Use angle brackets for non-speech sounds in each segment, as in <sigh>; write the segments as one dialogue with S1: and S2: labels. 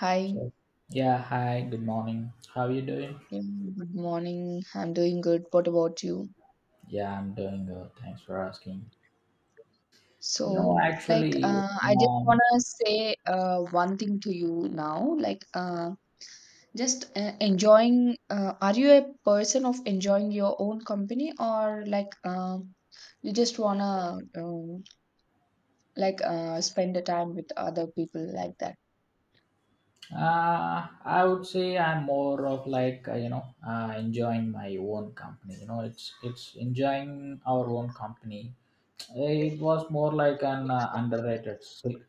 S1: Hi,
S2: Sure. Yeah, hi, good morning. How are you doing?
S1: good morning. I'm doing good. What about you?
S2: Yeah, I'm doing good. Thanks for asking. You
S1: So,
S2: know, actually,
S1: I just want
S2: um,
S1: to say one thing to you now. Just enjoying, are you a person of enjoying your own company, or you just want to spend the time with other people like that?
S2: I would say I'm more of like, enjoying my own company. You know, it's enjoying our own company. It was more like an underrated skill,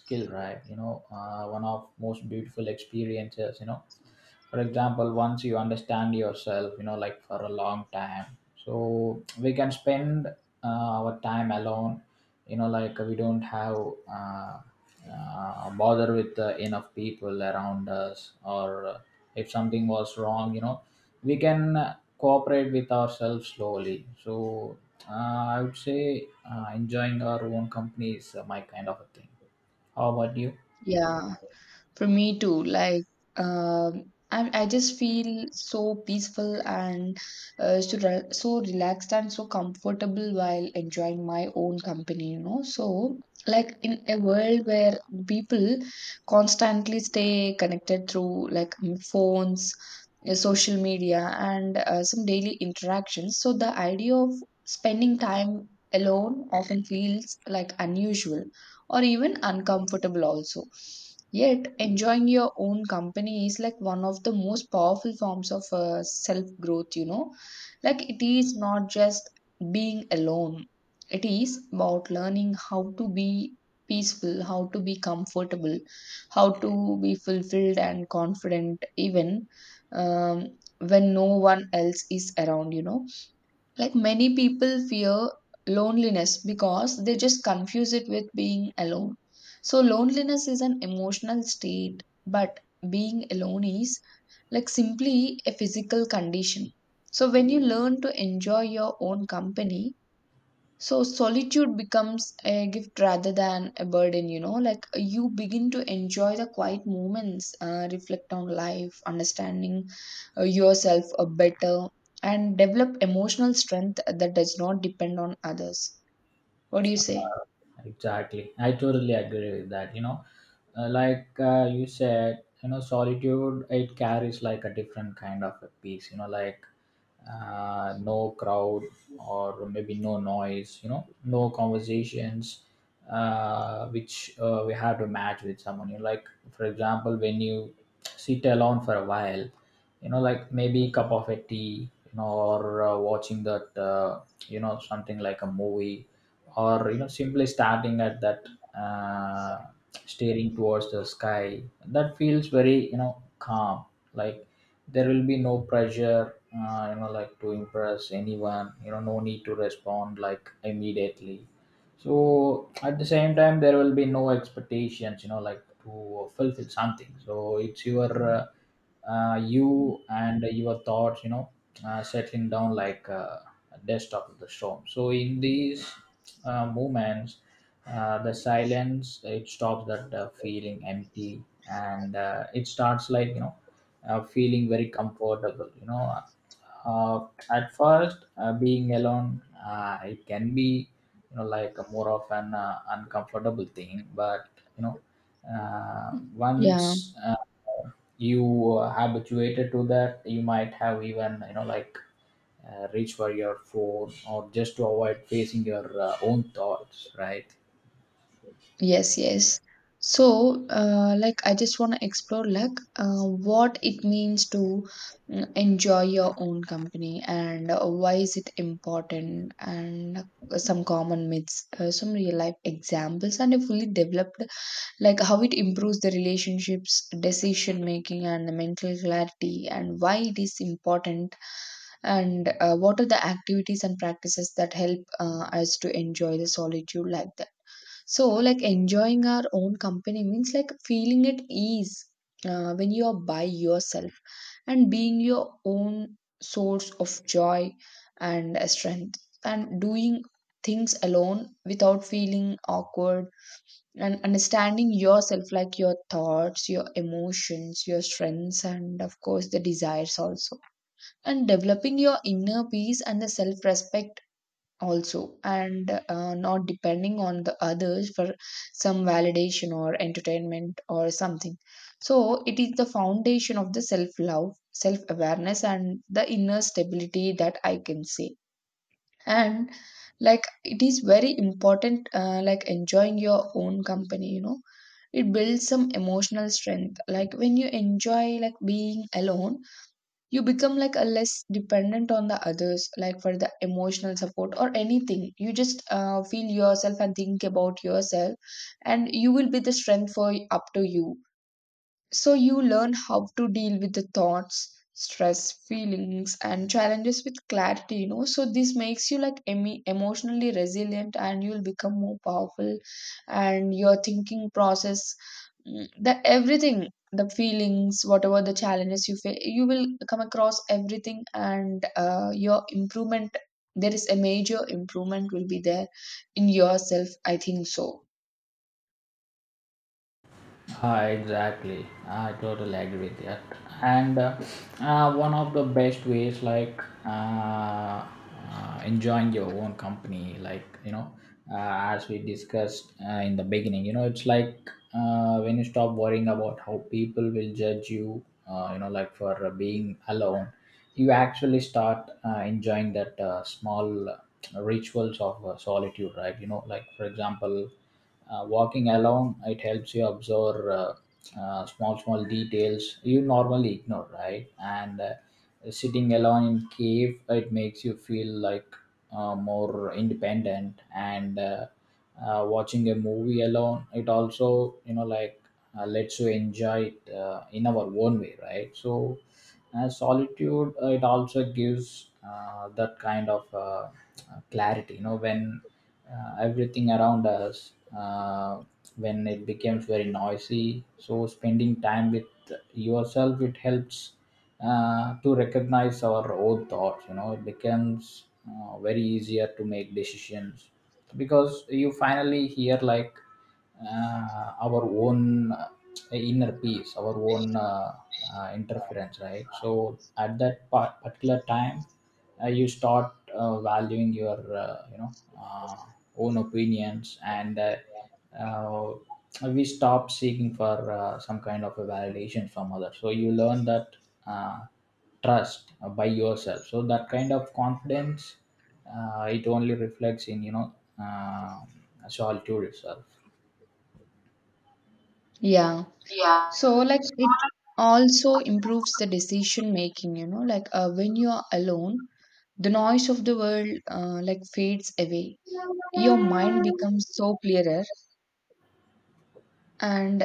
S2: skill, right? You know, one of most beautiful experiences, you know, for example, once you understand yourself, you know, like for a long time. So we can spend our time alone, you know, like we don't have uh, bother with enough people around us, or if something was wrong, you know, we can cooperate with ourselves slowly. So I would say enjoying our own company is my kind of a thing. How about you?
S1: Yeah, for me too, um, I just feel so peaceful and so, so relaxed and so comfortable while enjoying my own company, you know. So, like in a world where people constantly stay connected through phones, social media, and some daily interactions, so the idea of spending time alone often feels like unusual or even uncomfortable also. Yet, enjoying your own company is like one of the most powerful forms of self growth, you know. Like, it is not just being alone, it is about learning how to be peaceful, how to be comfortable, how to be fulfilled and confident, even um, when no one else is around, you know, like many people fear loneliness because they just confuse it with being alone. So, loneliness is an emotional state, but being alone is like simply a physical condition. So, when you learn to enjoy your own company, so solitude becomes a gift rather than a burden, you know, like you begin to enjoy the quiet moments, reflect on life, understanding yourself better, and develop emotional strength that does not depend on others. What do you say?
S2: Exactly. I totally agree with that. You know, like you said, you know, solitude, it carries like a different kind of a peace, you know, like no crowd, or maybe no noise, you know, no conversations, which we have to match with someone. You know, like, for example, when you sit alone for a while, you know, like maybe cup of a tea, you know, or watching that, you know, something like a movie, or you know, simply starting at that, uh, staring towards the sky, that feels very, you know, calm. Like, there will be no pressure, you know, like to impress anyone, you know, no need to respond like immediately. So at the same time there will be no expectations, you know, like to fulfill something. So it's your you and your thoughts, you know, settling down like a dust after the storm. So in these moments, the silence it stops that feeling empty, and it starts like, you know, feeling very comfortable. You know, at first being alone, it can be, you know, like a more of an uncomfortable thing, but you know, uh,
S1: Yeah.
S2: once. Uh, you habituated to that, you might have, even, you know, like reach for your phone, or just to avoid facing your own thoughts, right?
S1: Yes, yes. So, I just want to explore, like, what it means to enjoy your own company, and why is it important, and some common myths, some real life examples, and a fully developed, like, how it improves the relationships, decision making, and the mental clarity, and why it is important, and what are the activities and practices that help us to enjoy the solitude like that. So, like enjoying our own company means like feeling at ease when you are by yourself, and being your own source of joy and strength, and doing things alone without feeling awkward, and understanding yourself, like your thoughts, your emotions, your strengths, and of course the desires also, and developing your inner peace and the self respect also, and not depending on the others for some validation or entertainment or something. So it is the foundation of the self love, self awareness, and the inner stability, that I can say. And like it is very important, like enjoying your own company, you know, it builds some emotional strength, like when you enjoy like being alone, you become like a less dependent on the others, like for the emotional support or anything. You just feel yourself and think about yourself, and you will be the strength for up to you. So you learn how to deal with the thoughts, stress, feelings, and challenges with clarity, you know. So this makes you like emi emotionally resilient, and you'll become more powerful, and your thinking process, the everything, the feelings, whatever the challenges you face, you will come across everything, and your improvement, there is a major improvement will be there in yourself. I think so.
S2: Ah, exactly. I totally agree with that. And one of the best ways, like uh, enjoying your own company, like, you know, as we discussed in the beginning, you know, it's like, when you stop worrying about how people will judge you, you know, like for being alone, you actually start enjoying that small rituals of solitude, right? You know, like, for example, walking alone, it helps you observe small small details you normally ignore, right? And sitting alone in cave, it makes you feel like more independent, and watching a movie alone, it also, you know, like, lets you enjoy it in our own way, right? So solitude, it also gives that kind of clarity, you know, when everything around us, when it becomes very noisy. So spending time with yourself, it helps to recognize our own thoughts, you know, it becomes very easier to make decisions, because you finally hear like our own inner peace, our own interference, right? So at that part, particular time, you start valuing your, uh, you know, uh, own opinions, and uh, we stop seeking for some kind of a validation from others. So you learn that uh, trust by yourself. So that kind of confidence, it only reflects in, you know, uh, solitude itself.
S1: Yeah.
S2: Yeah.
S1: So, like, it also improves the decision making, you know, like when you are alone, the noise of the world like fades away. Your mind becomes so clearer. And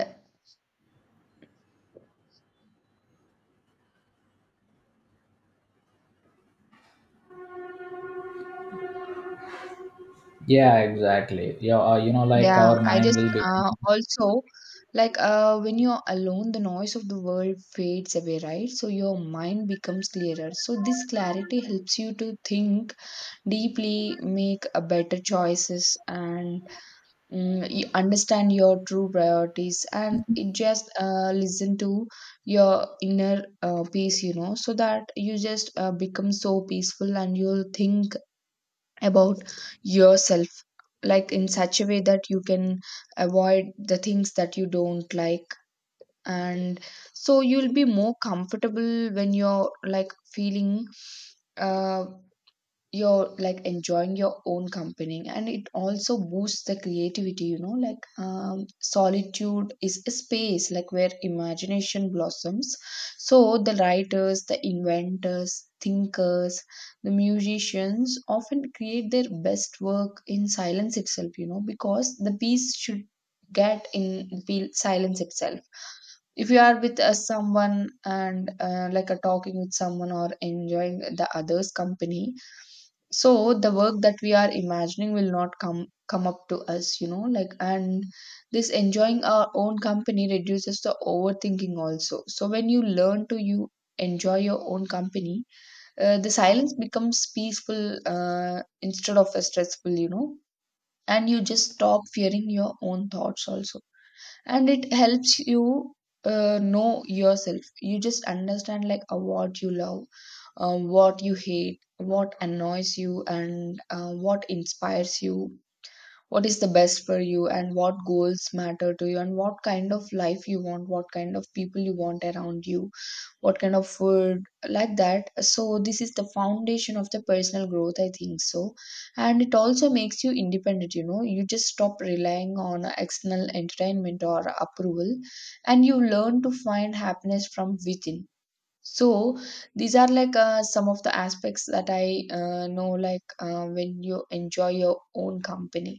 S2: Yeah, exactly. Yeah, you know, like
S1: yeah,
S2: our
S1: I
S2: mind
S1: just
S2: will be.
S1: also, when you are alone, the noise of the world fades away, right? So your mind becomes clearer. So this clarity helps you to think deeply, make better choices, and you understand your true priorities, and it just listen to your inner peace, you know, so that you just become so peaceful and you'll think about yourself like in such a way that you can avoid the things that you don't like. And so you'll be more comfortable when you're like feeling uh, you're like enjoying your own company. And it also boosts the creativity, you know, solitude is a space like where imagination blossoms. So the writers, the inventors, thinkers, the musicians often create their best work in silence itself, you know, because the piece should get in the silence itself. If you are with someone and like a talking with someone or enjoying the other's company, so the work that we are imagining will not come up to us, you know, like. And this enjoying our own company reduces the overthinking also. So when you learn to you enjoy your own company, the silence becomes peaceful instead of a stressful, you know. And you just stop fearing your own thoughts also, and it helps you know yourself. You just understand like what you love, what you hate, what annoys you, and what inspires you, what is the best for you, and what goals matter to you, and what kind of life you want, what kind of people you want around you, what kind of food, like that. So this is the foundation of the personal growth, I think so. And it also makes you independent, you know, you just stop relying on external entertainment or approval, and you learn to find happiness from within. So these are like some of the aspects that I know, like when you enjoy your own company.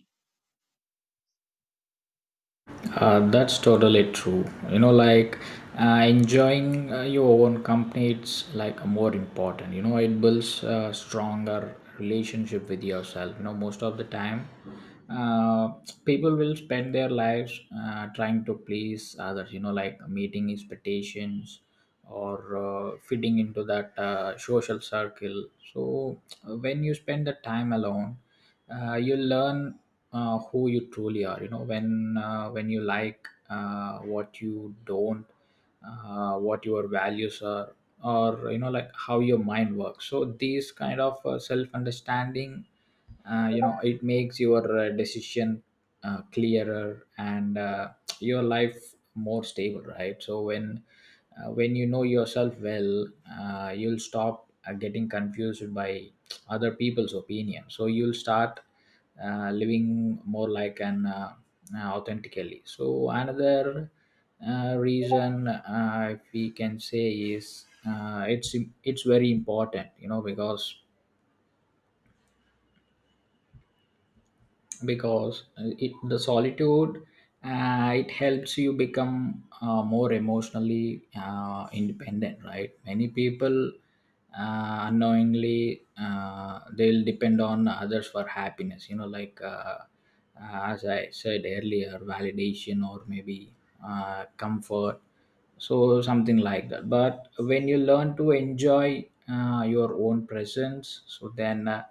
S2: That's totally true. You know, like enjoying your own company, it's like more important. You know, it builds a stronger relationship with yourself. You know, most of the time, uh, people will spend their lives trying to please others. You know, like meeting expectations, or fitting into that social circle. So when you spend the time alone, you learn who you truly are, you know, when you like, what you don't, what your values are, or you know, like how your mind works. So these kind of self understanding, you know, it makes your decision clearer, and your life more stable, right? So when you know yourself well, you'll stop getting confused by other people's opinion, so you'll start living more like an authentically. So another reason, if we can say, is it's very important, you know, because it, the solitude, it helps you become more emotionally independent, right? Many people unknowingly they'll depend on others for happiness, you know, like as I said earlier, validation, or maybe comfort, so something like that. But when you learn to enjoy your own presence, so then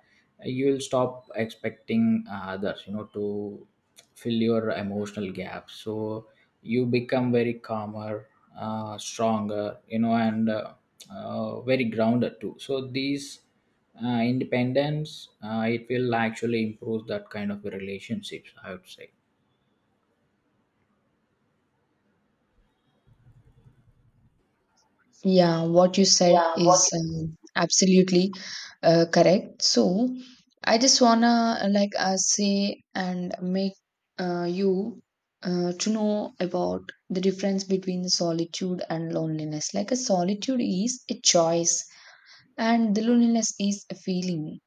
S2: you'll stop expecting others, you know, to fill your emotional gaps, so you become very calmer, stronger, you know, and very grounded too. So these independence, it will actually improve that kind of relationships, I would say.
S1: Yeah, what you said
S2: Yeah, what,
S1: is absolutely correct. So I just wanna say and make you to know about the difference between the solitude and loneliness. Like a solitude is a choice, and the loneliness is a feeling,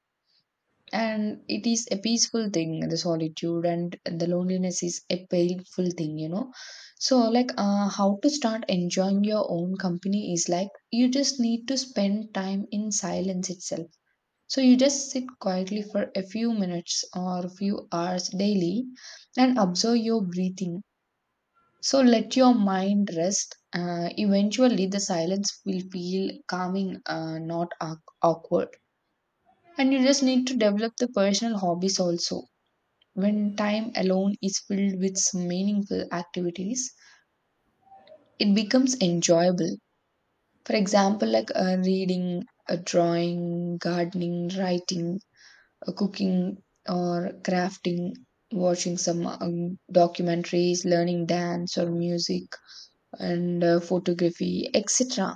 S1: and it is a peaceful thing, the solitude, and the loneliness is a painful thing, you know. So how to start enjoying your own company is like you just need to spend time in silence itself. So you just sit quietly for a few minutes or a few hours daily and observe your breathing, so let your mind rest. Eventually the silence will feel calming, not awkward. And you just need to develop the personal hobbies also. When time alone is filled with some meaningful activities, it becomes enjoyable. For example, like reading, drawing, gardening, writing, cooking, or crafting, watching some documentaries, learning dance or music, and photography, etc.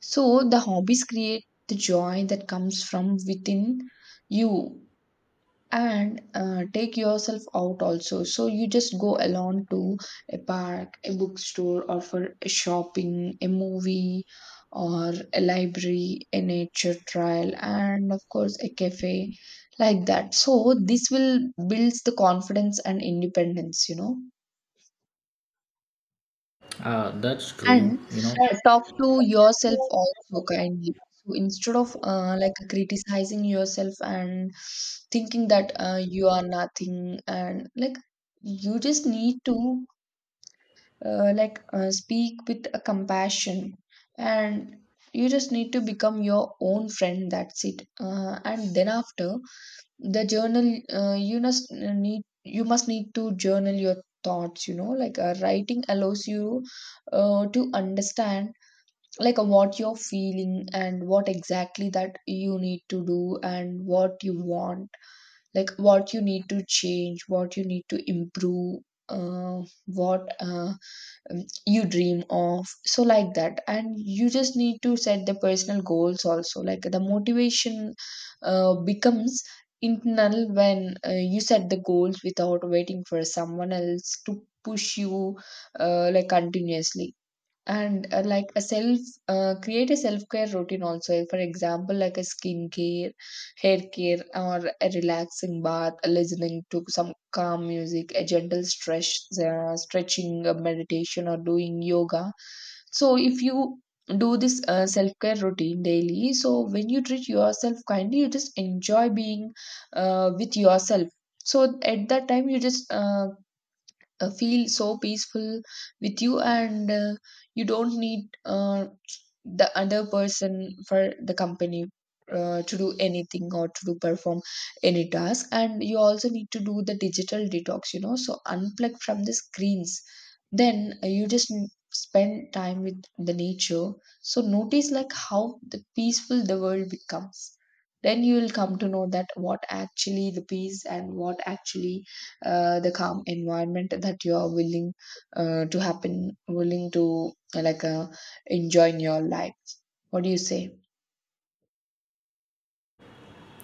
S1: So, the hobbies create the joy that comes from within you. And take yourself out also, so you just go alone to a park, a bookstore, or for a shopping, a movie, or a library, a nature trail, and of course a cafe, like that. So this will builds the confidence and independence, you know.
S2: that's true,
S1: And
S2: you know.
S1: talk to yourself also
S2: <laughs>
S1: kindly, so instead of like criticizing yourself and thinking that you are nothing and like, you just need to speak with a compassion, and you just need to become your own friend, that's it. And then after the journal, you must need you must need to journal your thoughts, you know, like writing allows you to understand, like what you're feeling, and what exactly that you need to do, and what you want, like what you need to change, what you need to improve, uh, what you dream of, so like that. And you just need to set the personal goals also, like the motivation becomes internal when you set the goals without waiting for someone else to push you like continuously. And like a self create a self care routine also, for example like a skincare, hair care, or a relaxing bath, listening to some calm music, a gentle stretch, stretching, meditation, or doing yoga. So if you do this self care routine daily, so when you treat yourself kindly, you just enjoy being with yourself. So at that time you just feel so peaceful with you, and you don't need the other person for the company to do anything or to do perform any task. And you also need to do the digital detox, you know, so unplug from the screens. Then you just spend time with the nature, so notice like how the peaceful the world becomes. Then you will come to know that what actually the peace, and what actually the calm environment that you are willing to happen, willing to enjoy in your life. What do you say?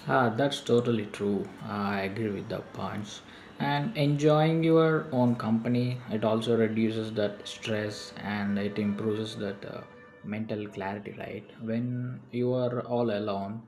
S2: Ah, that's totally true. Ah, I agree with the points. And enjoying your own company, it also reduces that stress, and it improves that mental clarity, right? When you are all alone,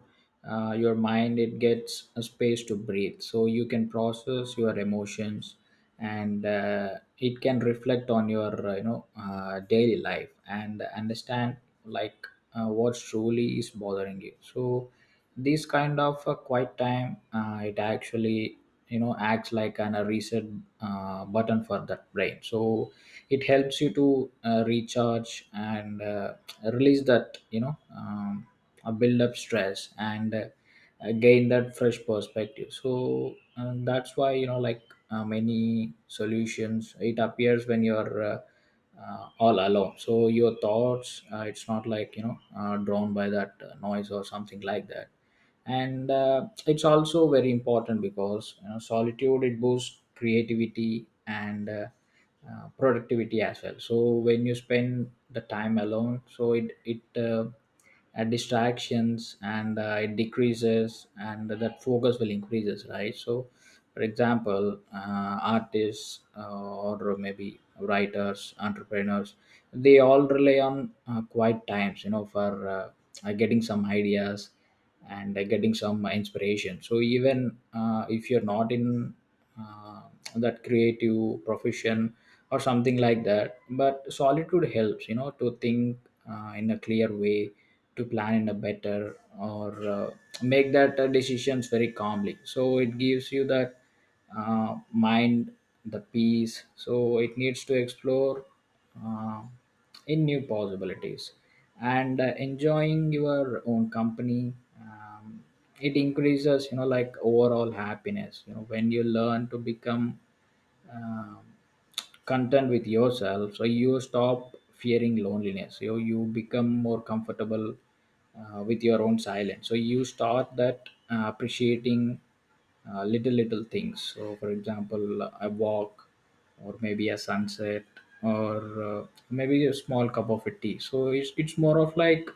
S2: your mind it gets a space to breathe, so you can process your emotions, and it can reflect on your daily life, and understand like what truly is bothering you. So this kind of a quiet time, it actually, you know, acts like an, a reset button for that brain. So it helps you to recharge, and release that, you know, a build up stress, and gain that fresh perspective. So that's why, you know, like many solutions it appears when you're all alone. So your thoughts, it's not like, you know, drawn by that noise, or something like that. And it's also very important, because you know, solitude it boosts creativity, and productivity as well. So when you spend the time alone, so it distractions and it decreases, and that focus will increases, right? So for example, artists, or maybe writers, entrepreneurs, they all rely on quiet times, you know, for getting some ideas, and getting some inspiration. So even if you're not in uh, that creative profession, or something like that, but solitude helps, you know, to think in a clear way, to plan in a better, or make that decisions very calmly. So it gives you that mind the peace, so it needs to explore uh, in new possibilities. And enjoying your own company, um, it increases, you know, like overall happiness, you know, when you learn to become um, content with yourself, so you stop fearing loneliness. You become more comfortable with your own silence, so you start that appreciating little little things. So for example, a walk, or maybe a sunset, or maybe a small cup of a tea. So it's more of like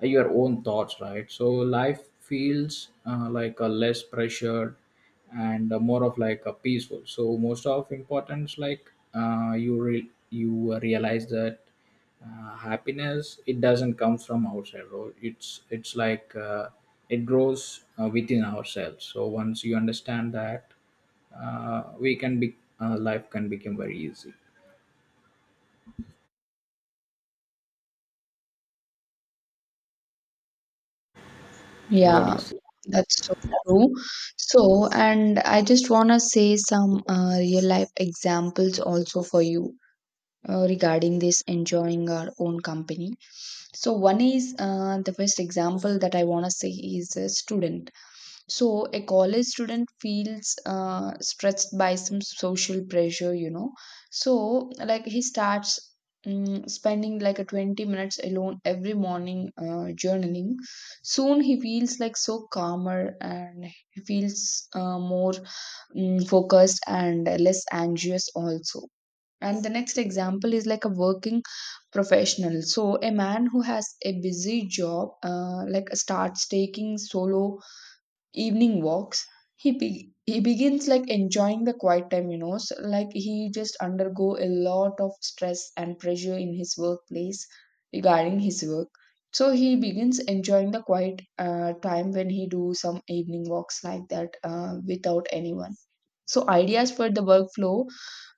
S2: your own thoughts, right? So life feels like a less pressured, and more of like a peaceful. So most of importance, like you realize that happiness it doesn't come from outside, right? It's like it grows within ourselves. So once you understand that, we can be life can become very easy. What do
S1: Yeah,
S2: you say?
S1: that's so true. So, and I just want to say some real life examples also for you, regarding this enjoying our own company. So, one is the best example that I want to say is a student. So, a college student feels stressed by some social pressure, you know. So, like, he starts spending like a 20 minutes alone every morning journaling. Soon, he feels like so calmer and he feels more focused and less anxious, also. And the next example is like a working professional. So, a man who has a busy job, like starts taking solo evening walks. He begins like enjoying the quiet time, you know. So, like, he just undergo a lot of stress and pressure in his workplace regarding his work. So he begins enjoying the quiet time when he do some evening walks like that without anyone. So ideas for the workflow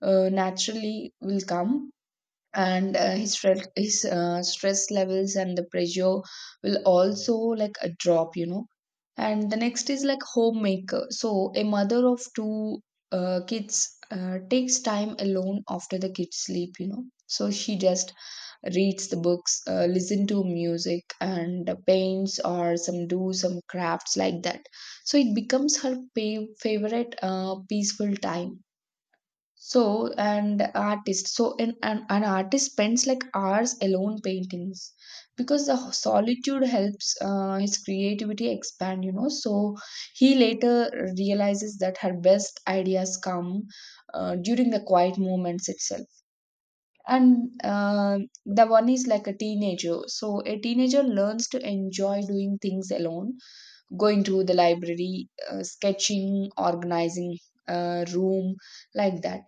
S1: naturally will come, and his stress, his stress levels and the pressure will also like drop, you know. And the next is like homemaker. So a mother of two kids takes time alone after the kids sleep, you know. So she just reads the books, listen to music and paints or some do some crafts like that. So it becomes her favorite peaceful time. So, and artist. So, an artist spends like hours alone paintings because the solitude helps his creativity expand, you know. So, he later realizes that her best ideas come during the quiet moments itself. And the one is like a teenager. So, a teenager learns to enjoy doing things alone, going to the library, sketching, organizing a room, like that.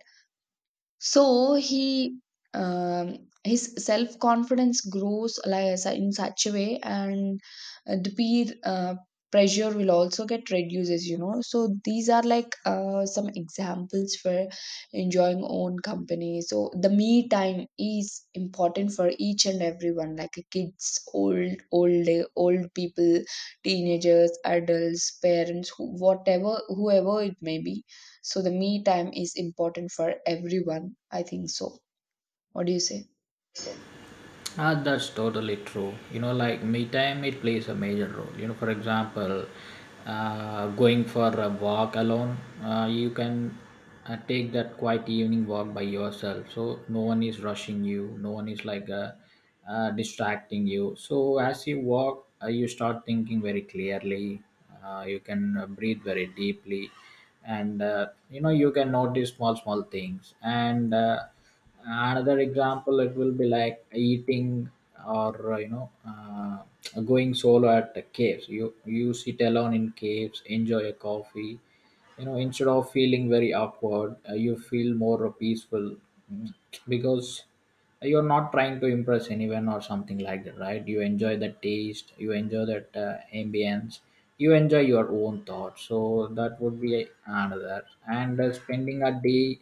S1: So he, his self confidence grows like in such a way, and the peer pressure will also get reduces, you know. So these are like some examples for enjoying own company. So the me time is important for each and everyone, like kids, old people, teenagers, adults, parents, whatever, whoever it may be. So the me time is important for everyone. I think so. What do you say?
S2: Ah, that's totally true. You know, like me time, it plays a major role. You know, for example, going for a walk alone, you can take that quiet evening walk by yourself. So no one is rushing you. No one is like distracting you. So as you walk, you start thinking very clearly. You can breathe very deeply, and you know, you can notice small small things. And another example, it will be like eating, or going solo at the caves. You sit alone in caves, enjoy a coffee, you know, instead of feeling very awkward, you feel more peaceful, Mm, because you're not trying to impress anyone or something like that, right? You enjoy the taste, you enjoy that ambience, you enjoy your own thoughts. So that would be another. And spending a day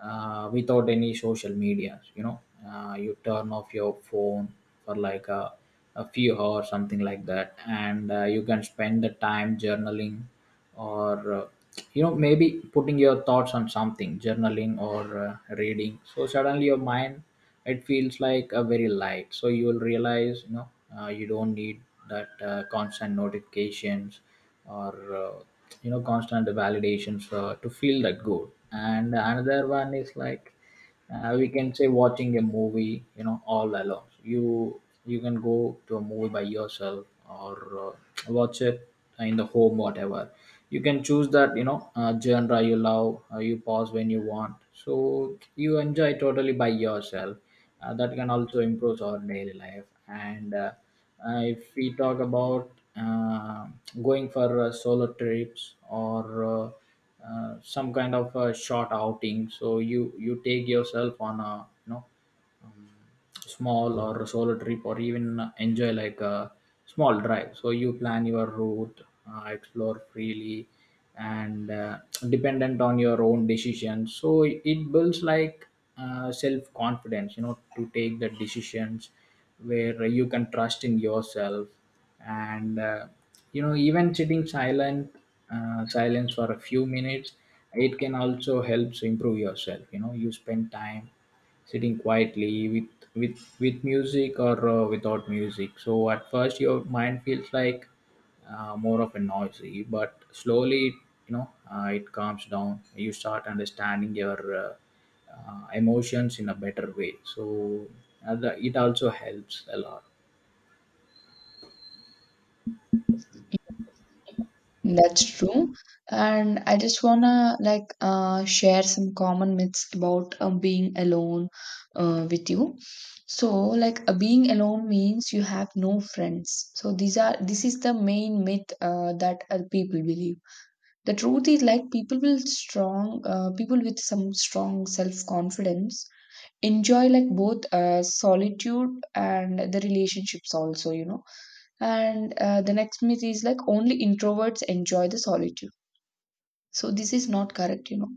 S2: without any social media, you know, you turn off your phone for like a few hours, something like that. And you can spend the time journaling, or you know, maybe putting your thoughts on something, journaling, or reading. So suddenly your mind, it feels like a very light. So you will realize, you know, you don't need that constant notifications, or you know, constant validations, to feel that good. And another one is like, we can say, watching a movie, you know, all alone. You can go to a movie by yourself, or uh, watch it in the home, whatever. You can choose that, you know, genre you love. You pause when you want, so you enjoy totally by yourself. That can also improve our daily life. And if we talk about going for solo trips, or some kind of a short outing. So you take yourself on a, you know, small or solo trip, or even enjoy like a small drive. So you plan your route, explore freely, and dependent on your own decisions. So it builds like self confidence, you know, to take the decisions where you can trust in yourself. And you know, even sitting silent, silence for a few minutes, it can also helps improve yourself, you know. You spend time sitting quietly with with music, or without music. So at first your mind feels like more of a noisy, but slowly, you know, it calms down. You start understanding your emotions in a better way. So the, it also helps a lot.
S1: That's true. And I just wanna like share some common myths about being alone with you. So like being alone means you have no friends. So these are this is the main myth that people believe. The truth is like people with some strong self confidence enjoy like both solitude and the relationships also, you know. And the next myth is like only introverts enjoy the solitude. So this is not correct, you know.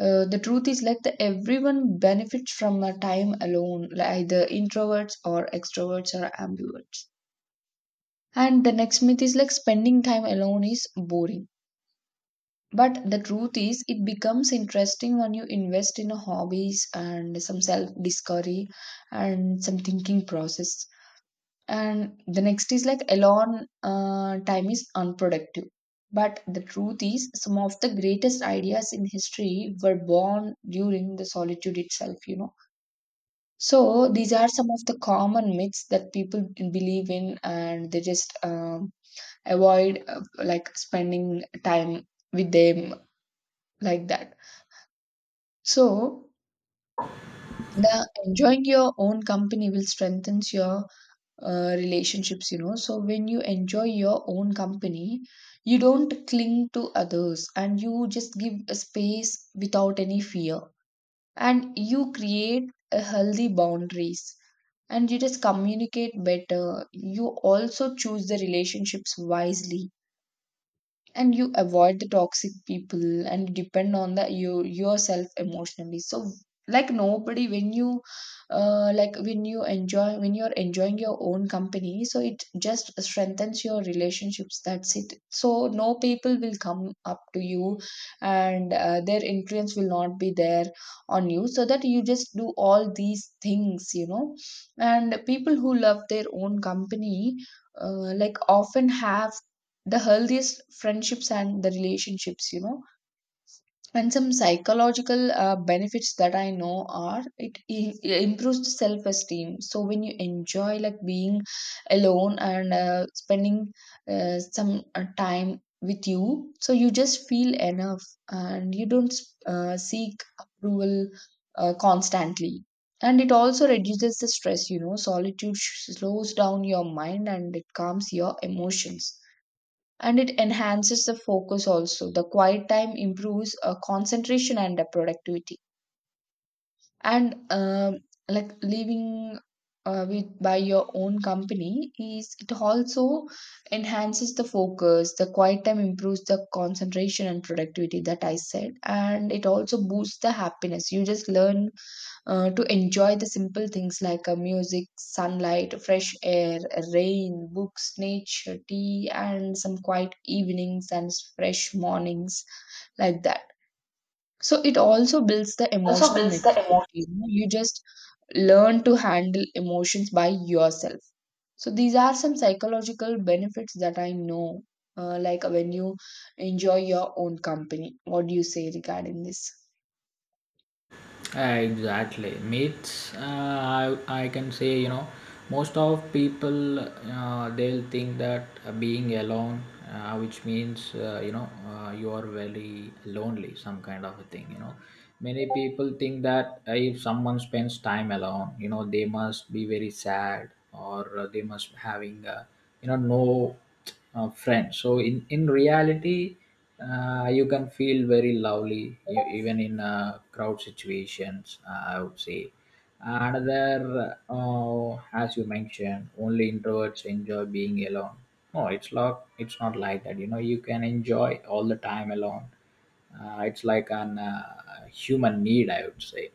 S1: The truth is like the everyone benefits from a time alone, like either introverts or extroverts or ambiverts. And the next myth is like spending time alone is boring, but the truth is it becomes interesting when you invest in hobbies and some self discovery and some thinking process. And the next is like alone time is unproductive. But the truth is, some of the greatest ideas in history were born during the solitude itself, you know. So these are some of the common myths that people believe in, and they just avoid like spending time with them like that. So the enjoying your own company will strengthen your relationships, you know. So when you enjoy your own company, you don't cling to others and you just give a space without any fear, and you create a healthy boundaries, and you just communicate better. You also choose the relationships wisely, and you avoid the toxic people and depend on the you yourself emotionally. So like nobody, when you when you enjoy, when you're enjoying your own company, so it just strengthens your relationships, that's it. So no people will come up to you, and their influence will not be there on you, so that you just do all these things, you know. And people who love their own company like often have the healthiest friendships and the relationships, you know. And some psychological benefits that I know are it improves the self esteem. So when you enjoy like being alone and spending some time with you, so you just feel enough, and you don't seek approval constantly. And it also reduces the stress, you know. Solitude slows down your mind and it calms your emotions, and it enhances the focus also. The quiet time improves concentration and productivity. And like living with by your own company, is it also enhances the focus, the quiet time improves the concentration and productivity, that I said. And it also boosts the happiness. You just learn to enjoy the simple things like music, sunlight, fresh air, rain, books, nature, tea, and some quiet evenings and fresh mornings, like that. So it also builds the
S2: Also
S1: emotional
S2: builds the...
S1: maturity. You know? You just learn to handle emotions by yourself. So these are some psychological benefits that I know, like when you enjoy your own company. What do you say regarding this?
S2: Exactly. Myths, I can say, you know, most of people, they'll think that being alone, which means, you know, you are very lonely, some kind of a thing, you know. Many people think that if someone spends time alone, you know, they must be very sad, or they must having, you know, no friend. So in reality, you can feel very lovely, even in crowd situations. I would say another, as you mentioned, only introverts enjoy being alone. No, it's not. It's not like that. You know, you can enjoy all the time alone. It's like an human need, I would say.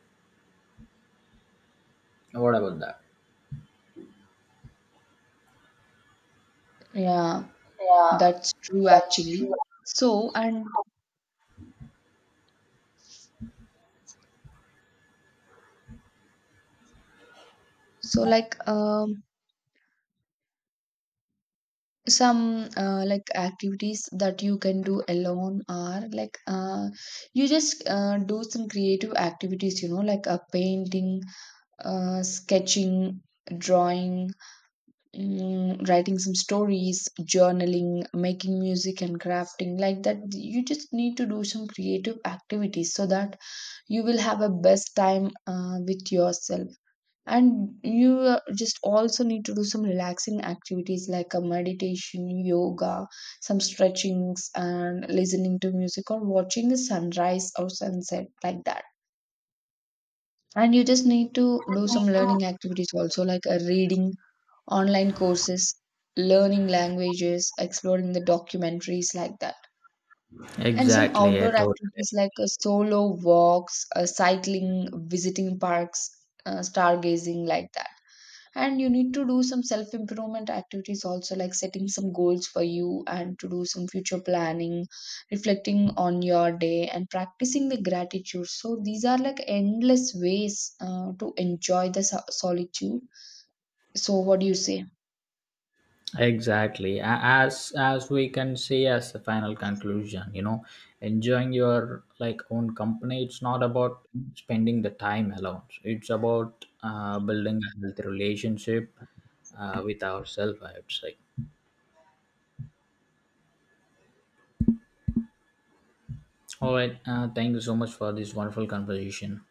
S2: What about that?
S1: Yeah.
S2: Yeah,
S1: That's true,
S2: that's
S1: actually.
S2: true.
S1: So, and so, like, some like activities that you can do alone are like you just do some creative activities, you know, like a painting, sketching, drawing, writing some stories, journaling, making music, and crafting. Like that, you just need to do some creative activities so that you will have a best time with yourself. And you just also need to do some relaxing activities like a meditation, yoga, some stretchings, and listening to music or watching the sunrise or sunset, like that. And you just need to do some learning activities also, like a reading, online courses, learning languages, exploring the documentaries, like that. And some
S2: Exactly, I
S1: outdoor
S2: totally...
S1: activities like solo walks, cycling, visiting parks, stargazing, like that. And you need to do some self improvement activities also, like setting some goals for you and to do some future planning, reflecting on your day, and practicing the gratitude. So, these are like endless ways to enjoy the solitude. So, what do you say?
S2: Exactly. As we can say as the final conclusion, you know, enjoying your like own company. It's not about spending the time alone. It's about building a healthy relationship with ourselves, I would say. All right. Thank you so much for this wonderful conversation.